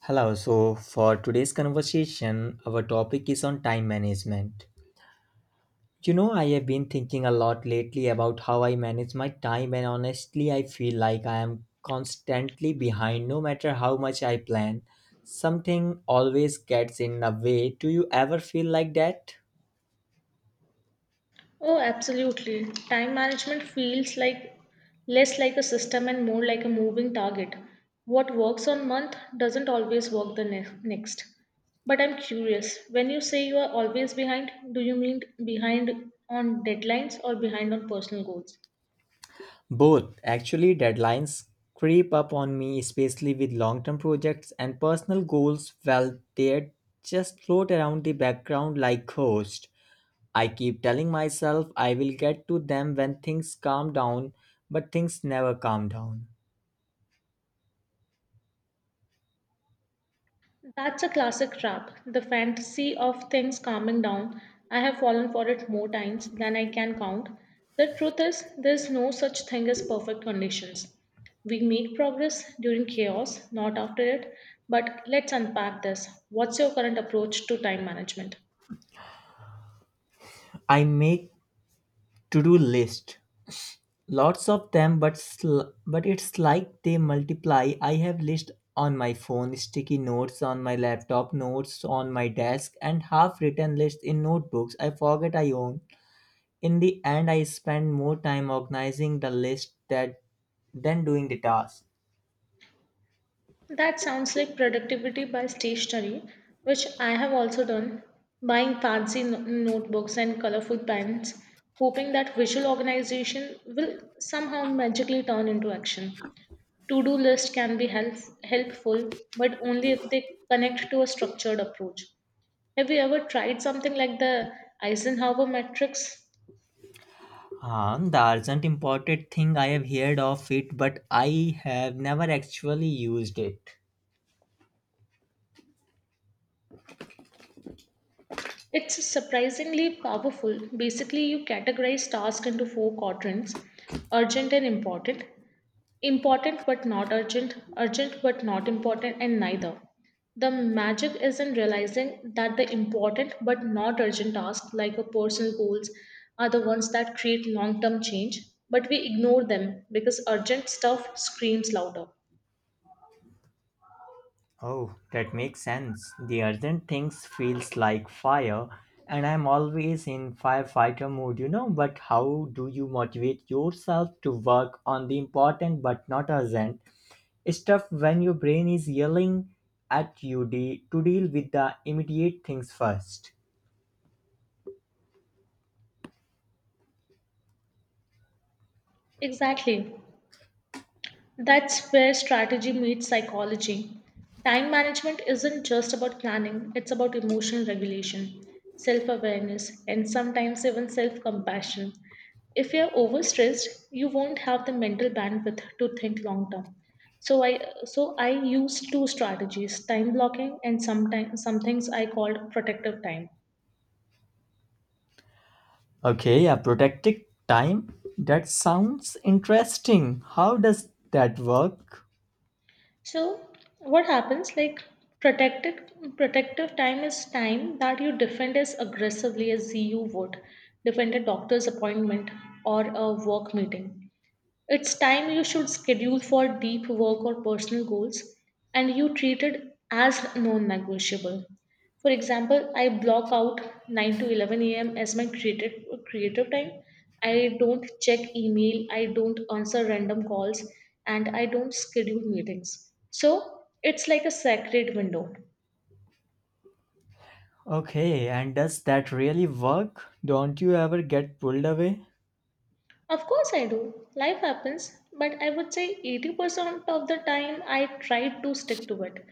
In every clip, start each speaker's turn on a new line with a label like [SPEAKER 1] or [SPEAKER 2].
[SPEAKER 1] Hello, so for today's conversation, our topic is on time management. You know, I have been thinking a lot lately about how I manage my time, and honestly, I feel like I am constantly behind no matter how much I plan. Something always gets in the way. Do you ever feel like that?
[SPEAKER 2] Oh, absolutely. Time management feels less like a system and more like a moving target. What works on month doesn't always work the next. But I'm curious, when you say you are always behind, do you mean behind on deadlines or behind on personal goals?
[SPEAKER 1] Both. Actually, deadlines creep up on me, especially with long term projects and personal goals. Well, they just float around the background like ghosts. I keep telling myself I will get to them when things calm down, but things never calm down.
[SPEAKER 2] That's a classic trap. The fantasy of things calming down. I have fallen for it more times than I can count. The truth is, there's no such thing as perfect conditions. We make progress during chaos, not after it. But let's unpack this. What's your current approach to time management?
[SPEAKER 1] I make to-do list, lots of them, but it's like they multiply. I have list on my phone, sticky notes on my laptop, notes on my desk, and half-written lists in notebooks I forget I own. In the end, I spend more time organizing the list that than doing the task.
[SPEAKER 2] That sounds like productivity by stationery, which I have also done, buying fancy notebooks and colorful pens, hoping that visual organization will somehow magically turn into action. To do list can be helpful, but only if they connect to a structured approach. Have you ever tried something like the Eisenhower matrix?
[SPEAKER 1] The urgent important thing I have heard of it, but I have never actually used it.
[SPEAKER 2] It's surprisingly powerful. Basically, you categorize tasks into four quadrants: urgent and important, important but not urgent, urgent but not important, and neither. The magic is in realizing that the important but not urgent tasks, like your personal goals, are the ones that create long term change, but we ignore them because urgent stuff screams louder.
[SPEAKER 1] Oh, that makes sense. The urgent things feels like fire, and I'm always in firefighter mood. But how do you motivate yourself to work on the important but not urgent stuff when your brain is yelling at you to deal with the immediate things first?
[SPEAKER 2] Exactly. That's where strategy meets psychology. Time management isn't just about planning, it's about emotional regulation, self awareness, and sometimes even self compassion. If you're overstressed, you won't have the mental bandwidth to think long term. So I used two strategies: time blocking, and sometimes some things I called protective time.
[SPEAKER 1] Okay, yeah, protected time. That sounds interesting. How does that work?
[SPEAKER 2] So what happens, like, protected protective time is time that you defend as aggressively as you would defend a doctor's appointment or a work meeting. It's time you should schedule for deep work or personal goals, and you treat it as non negotiable. For example, I block out 9 to 11 a.m. as my creative time. I don't check email, I don't answer random calls, and I don't schedule meetings. So it's like a sacred window.
[SPEAKER 1] Okay, and does that really work? Don't you ever get pulled away?
[SPEAKER 2] Of course, I do. Life happens, but I would say 80% of the time I try to stick to it,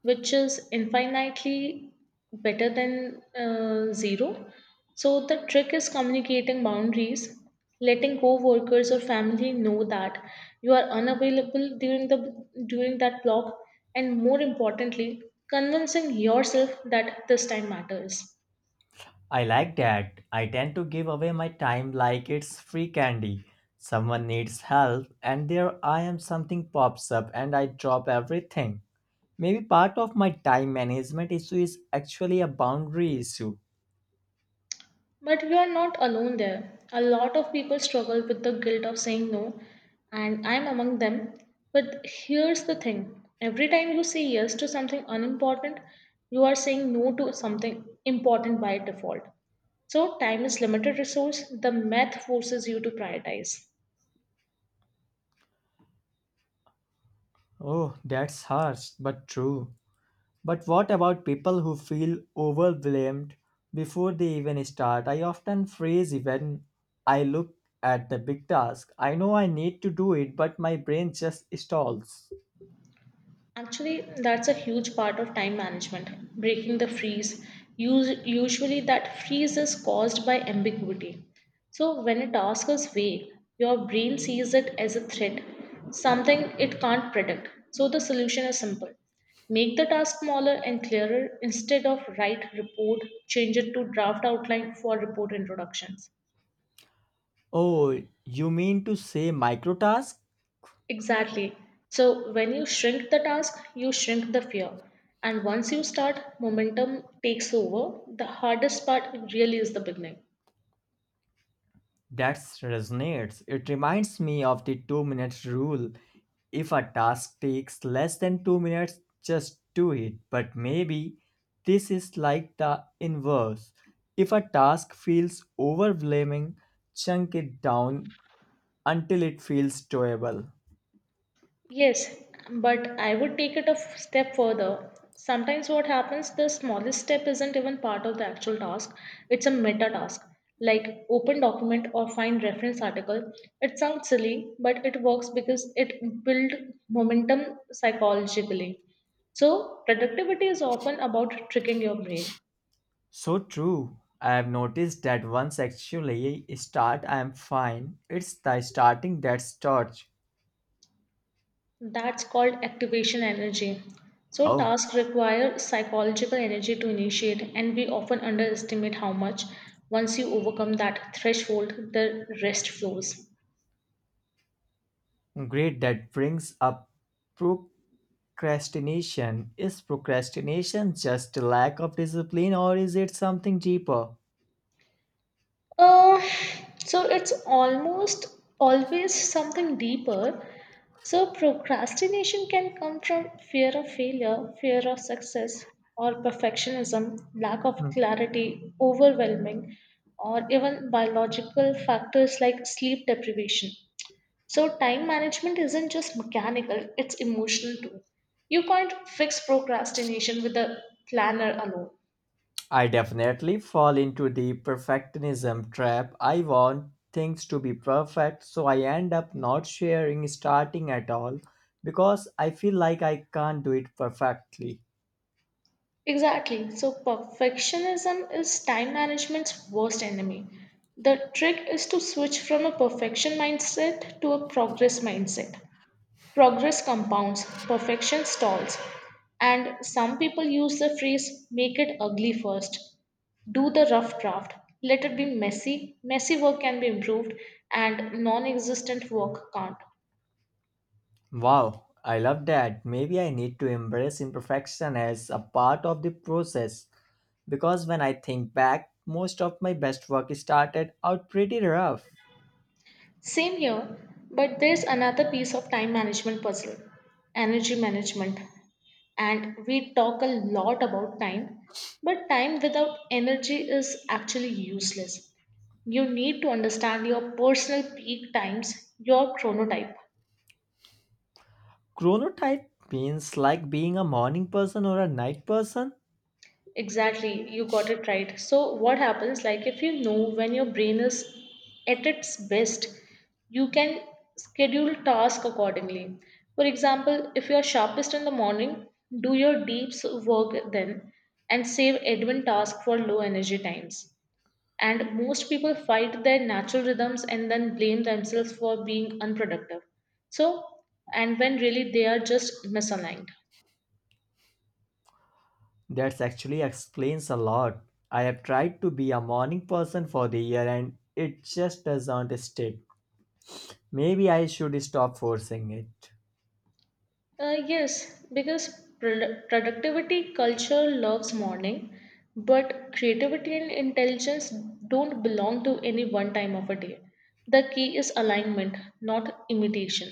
[SPEAKER 2] which is infinitely better than zero. So, the trick is communicating boundaries, letting co workers or family know that you are unavailable during that block, and more importantly, convincing yourself that this time matters.
[SPEAKER 1] I like that. I tend to give away my time like it's free candy. Someone needs help, and there I am, something pops up, and I drop everything. Maybe part of my time management issue is actually a boundary issue.
[SPEAKER 2] But we are not alone there. A lot of people struggle with the guilt of saying no, and I'm among them. But here's the thing: every time you say yes to something unimportant, you are saying no to something important by default. So, time is limited resource. The math forces you to prioritize.
[SPEAKER 1] Oh, that's harsh, but true. But what about people who feel overwhelmed before they even start? I often freeze even I look at the big task. I know I need to do it, but my brain just stalls.
[SPEAKER 2] Actually, that's a huge part of time management, breaking the freeze. Usually, that freeze is caused by ambiguity. So, when a task is vague, your brain sees it as a threat, something it can't predict. So, the solution is simple: make the task smaller and clearer. Instead of write report, change it to draft outline for report introductions.
[SPEAKER 1] Oh, you mean to say micro task?
[SPEAKER 2] Exactly. So when you shrink the task, you shrink the fear. And once you start, momentum takes over. The hardest part really is the beginning.
[SPEAKER 1] That resonates. It reminds me of the 2 minutes rule. If a task takes less than 2 minutes, just do it. But maybe this is like the inverse. If a task feels overwhelming, chunk it down until it feels doable.
[SPEAKER 2] Yes, but I would take it a step further. Sometimes what happens, the smallest step isn't even part of the actual task, it's a meta task. Like open document or find reference article. It sounds silly, but it works because it build momentum psychologically. So productivity is often about tricking your brain.
[SPEAKER 1] So true. I have noticed that once actually start, I am fine. It's the starting that starts.
[SPEAKER 2] That's called activation energy. So,
[SPEAKER 1] Oh,
[SPEAKER 2] tasks require psychological energy to initiate, and we often underestimate how much. Once you overcome that threshold, the rest flows.
[SPEAKER 1] great. That brings up pro- procrastination. Is procrastination just a lack of discipline or is it something deeper?
[SPEAKER 2] Uh, so, it's almost always something deeper. So, procrastination can come from fear of failure, fear of success, or perfectionism, lack of
[SPEAKER 1] Hmm.
[SPEAKER 2] clarity, overwhelming, or even biological factors like sleep deprivation. So, time management isn't just mechanical, it's emotional too. You can't fix procrastination with a planner alone.
[SPEAKER 1] I definitely fall into the perfectionism trap. I want things to be perfect, so I end up not sharing starting at all because I feel like I can't do it perfectly.
[SPEAKER 2] Exactly. So, perfectionism is time management's worst enemy. The trick is to switch from a perfection mindset to a progress mindset. Progress compounds, perfection stalls. And some people use the phrase make it ugly first: do the rough draft, let it be messy. Messy work can be improved, and non-existent work can't.
[SPEAKER 1] Wow, I love that. Maybe I need to embrace imperfection as a part of the process because when I think back, most of my best work started out pretty rough.
[SPEAKER 2] Same here, but there's another piece of time management puzzle: energy management. And we talk a lot about time, but time without energy is actually useless. You need to understand your personal peak times, your chronotype.
[SPEAKER 1] Chronotype means like being a morning person or a night person.
[SPEAKER 2] Exactly, you got it right. So, what happens, like, if you know when your brain is at its best, you can schedule tasks accordingly. For example, if you are sharpest in the morning, do your deep work then and save admin tasks for low energy times. And most people fight their natural rhythms and then blame themselves for being unproductive. So, and when really they are just misaligned.
[SPEAKER 1] That actually explains a lot. I have tried to be a morning person for the year and it just doesn't stick. Maybe I should stop forcing it.
[SPEAKER 2] Yes, because productivity culture loves mourning, but creativity and intelligence don't belong to any one time of a day. The key is alignment, not imitation.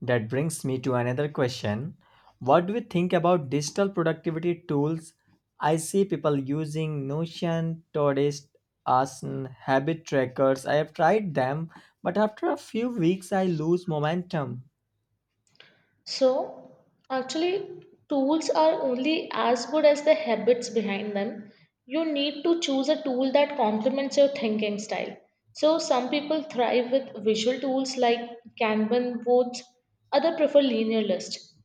[SPEAKER 1] That brings me to another question. What do you think about digital productivity tools? I see people using Notion, Todoist, Asana, habit trackers. I have tried them, but after a few weeks I lose momentum.
[SPEAKER 2] So, actually, tools are only as good as the habits behind them. You need to choose a tool that complements your thinking style. So, some people thrive with visual tools like Kanban boards, other prefer linear lists.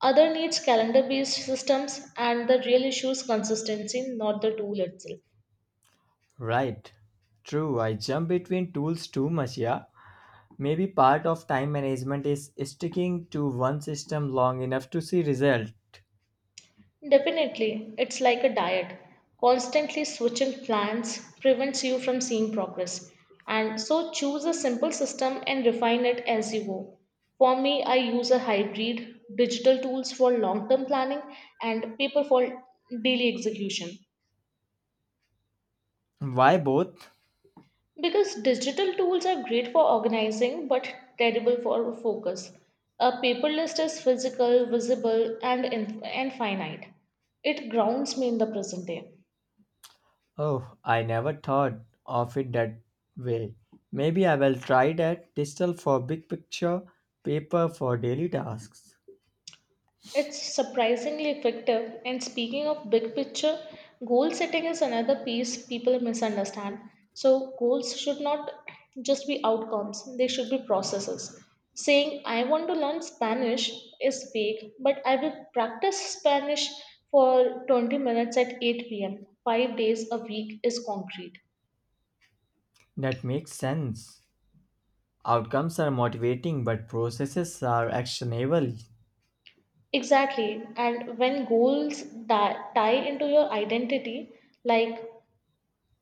[SPEAKER 2] Other needs calendar based systems, and the real issue is consistency, not the tool itself.
[SPEAKER 1] Right. True, I jump between tools too much, yeah. Maybe part of time management is sticking to one system long enough to see result.
[SPEAKER 2] Definitely, it's like a diet. Constantly switching plans prevents you from seeing progress. And so choose a simple system and refine it as you go. For me, I use a hybrid: digital tools for long term planning and paper for daily execution.
[SPEAKER 1] Why both?
[SPEAKER 2] Because digital tools are great for organizing but terrible for focus. A paper list is physical, visible, and finite. It grounds me in the present day.
[SPEAKER 1] Oh, I never thought of it that way. Maybe I will try that digital for big picture, paper for daily tasks.
[SPEAKER 2] It's surprisingly effective. And speaking of big picture, goal setting is another piece people misunderstand. So, goals should not just be outcomes, they should be processes. Saying, I want to learn Spanish is vague, but I will practice Spanish for 20 minutes at 8 p.m., 5 days a week is concrete.
[SPEAKER 1] That makes sense. Outcomes are motivating, but processes are actionable.
[SPEAKER 2] Exactly. And when goals tie into your identity, like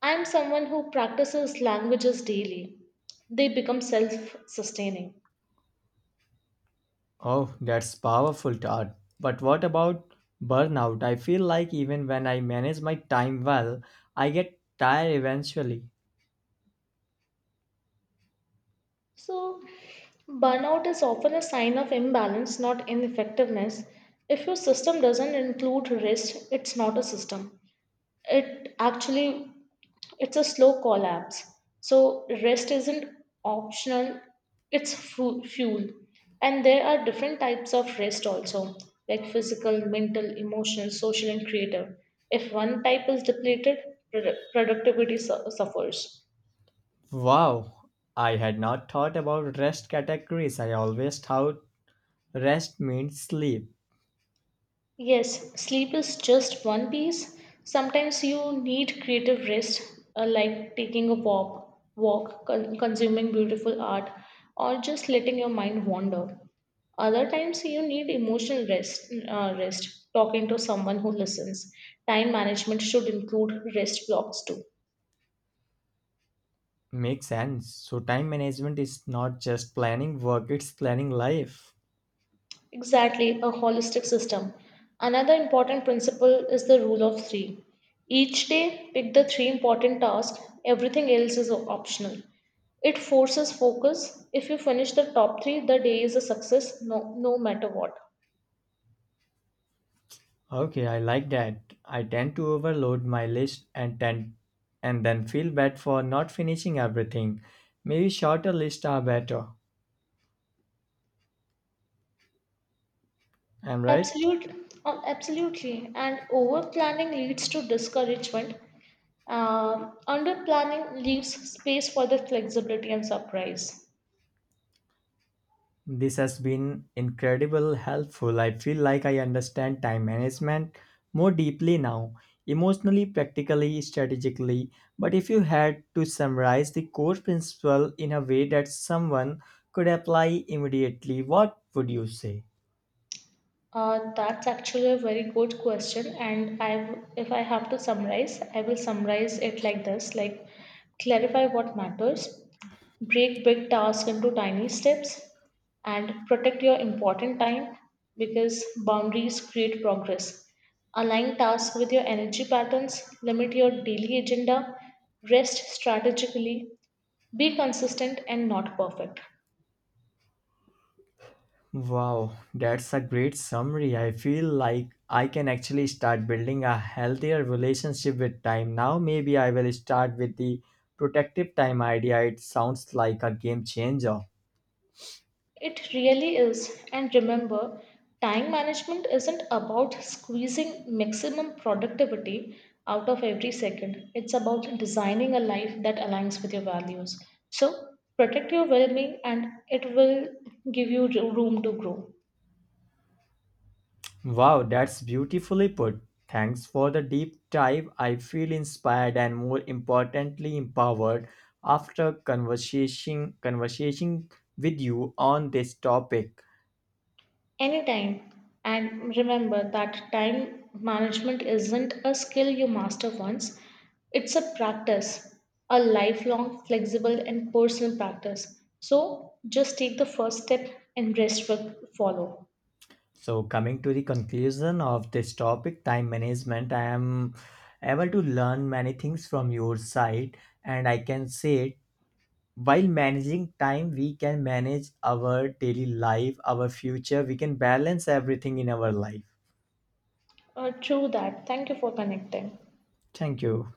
[SPEAKER 2] I am someone who practices languages daily. They become self sustaining.
[SPEAKER 1] Oh, that's powerful, Todd. But what about burnout? I feel like even when I manage my time well, I get tired eventually.
[SPEAKER 2] So, burnout is often a sign of imbalance, not ineffectiveness. If your system doesn't include rest, it's not a system. It actually It's a slow collapse. So rest isn't optional, it's fuel. And there are different types of rest also, like physical, mental, emotional, social, and creative. If one type is depleted, productivity suffers.
[SPEAKER 1] Wow, I had not thought about rest categories. I always thought rest means sleep.
[SPEAKER 2] Yes, sleep is just one piece. Sometimes you need creative rest, like taking a walk, consuming beautiful art, or just letting your mind wander. Other times you need emotional rest, talking to someone who listens. Time management should include rest blocks too.
[SPEAKER 1] Makes sense. So, time management is not just planning work, it's planning life.
[SPEAKER 2] Exactly, a holistic system. Another important principle is the rule of three. Each day, pick the three important tasks, everything else is optional. It forces focus. If you finish the top three, the day is a success, no matter what.
[SPEAKER 1] Okay, I like that. I tend to overload my list, and then feel bad for not finishing everything. Maybe shorter lists are better. I'm right.
[SPEAKER 2] Absolutely. And over planning leads to discouragement. Under planning leaves space for the flexibility and surprise.
[SPEAKER 1] This has been incredible helpful. I feel like I understand time management more deeply now, emotionally, practically, strategically. But if you had to summarize the core principle in a way that someone could apply immediately, what would you say?
[SPEAKER 2] That's actually a very good question, and if I have to summarize, I will summarize it like this: like clarify what matters, break big tasks into tiny steps, and protect your important time because boundaries create progress. Align tasks with your energy patterns, limit your daily agenda, rest strategically, be consistent and not perfect.
[SPEAKER 1] Wow, that's a great summary. I feel like I can actually start building a healthier relationship with time now. Maybe I will start with the protective time idea. It sounds like a game changer.
[SPEAKER 2] It really is. And remember, time management isn't about squeezing maximum productivity out of every second. It's about designing a life that aligns with your values. So protect your well being and it will give you room to grow.
[SPEAKER 1] Wow, that's beautifully put. Thanks for the deep dive. I feel inspired and more importantly empowered after conversation with you on this topic.
[SPEAKER 2] Anytime. And remember that time management isn't a skill you master once, it's a practice, a lifelong, flexible, and personal practice. So just take the first step and rest will follow.
[SPEAKER 1] So, coming to the conclusion of this topic, time management, I am able to learn many things from your side, and I can say while managing time, we can manage our daily life, our future, we can balance everything in our life.
[SPEAKER 2] True that. Thank you for connecting.
[SPEAKER 1] Thank you.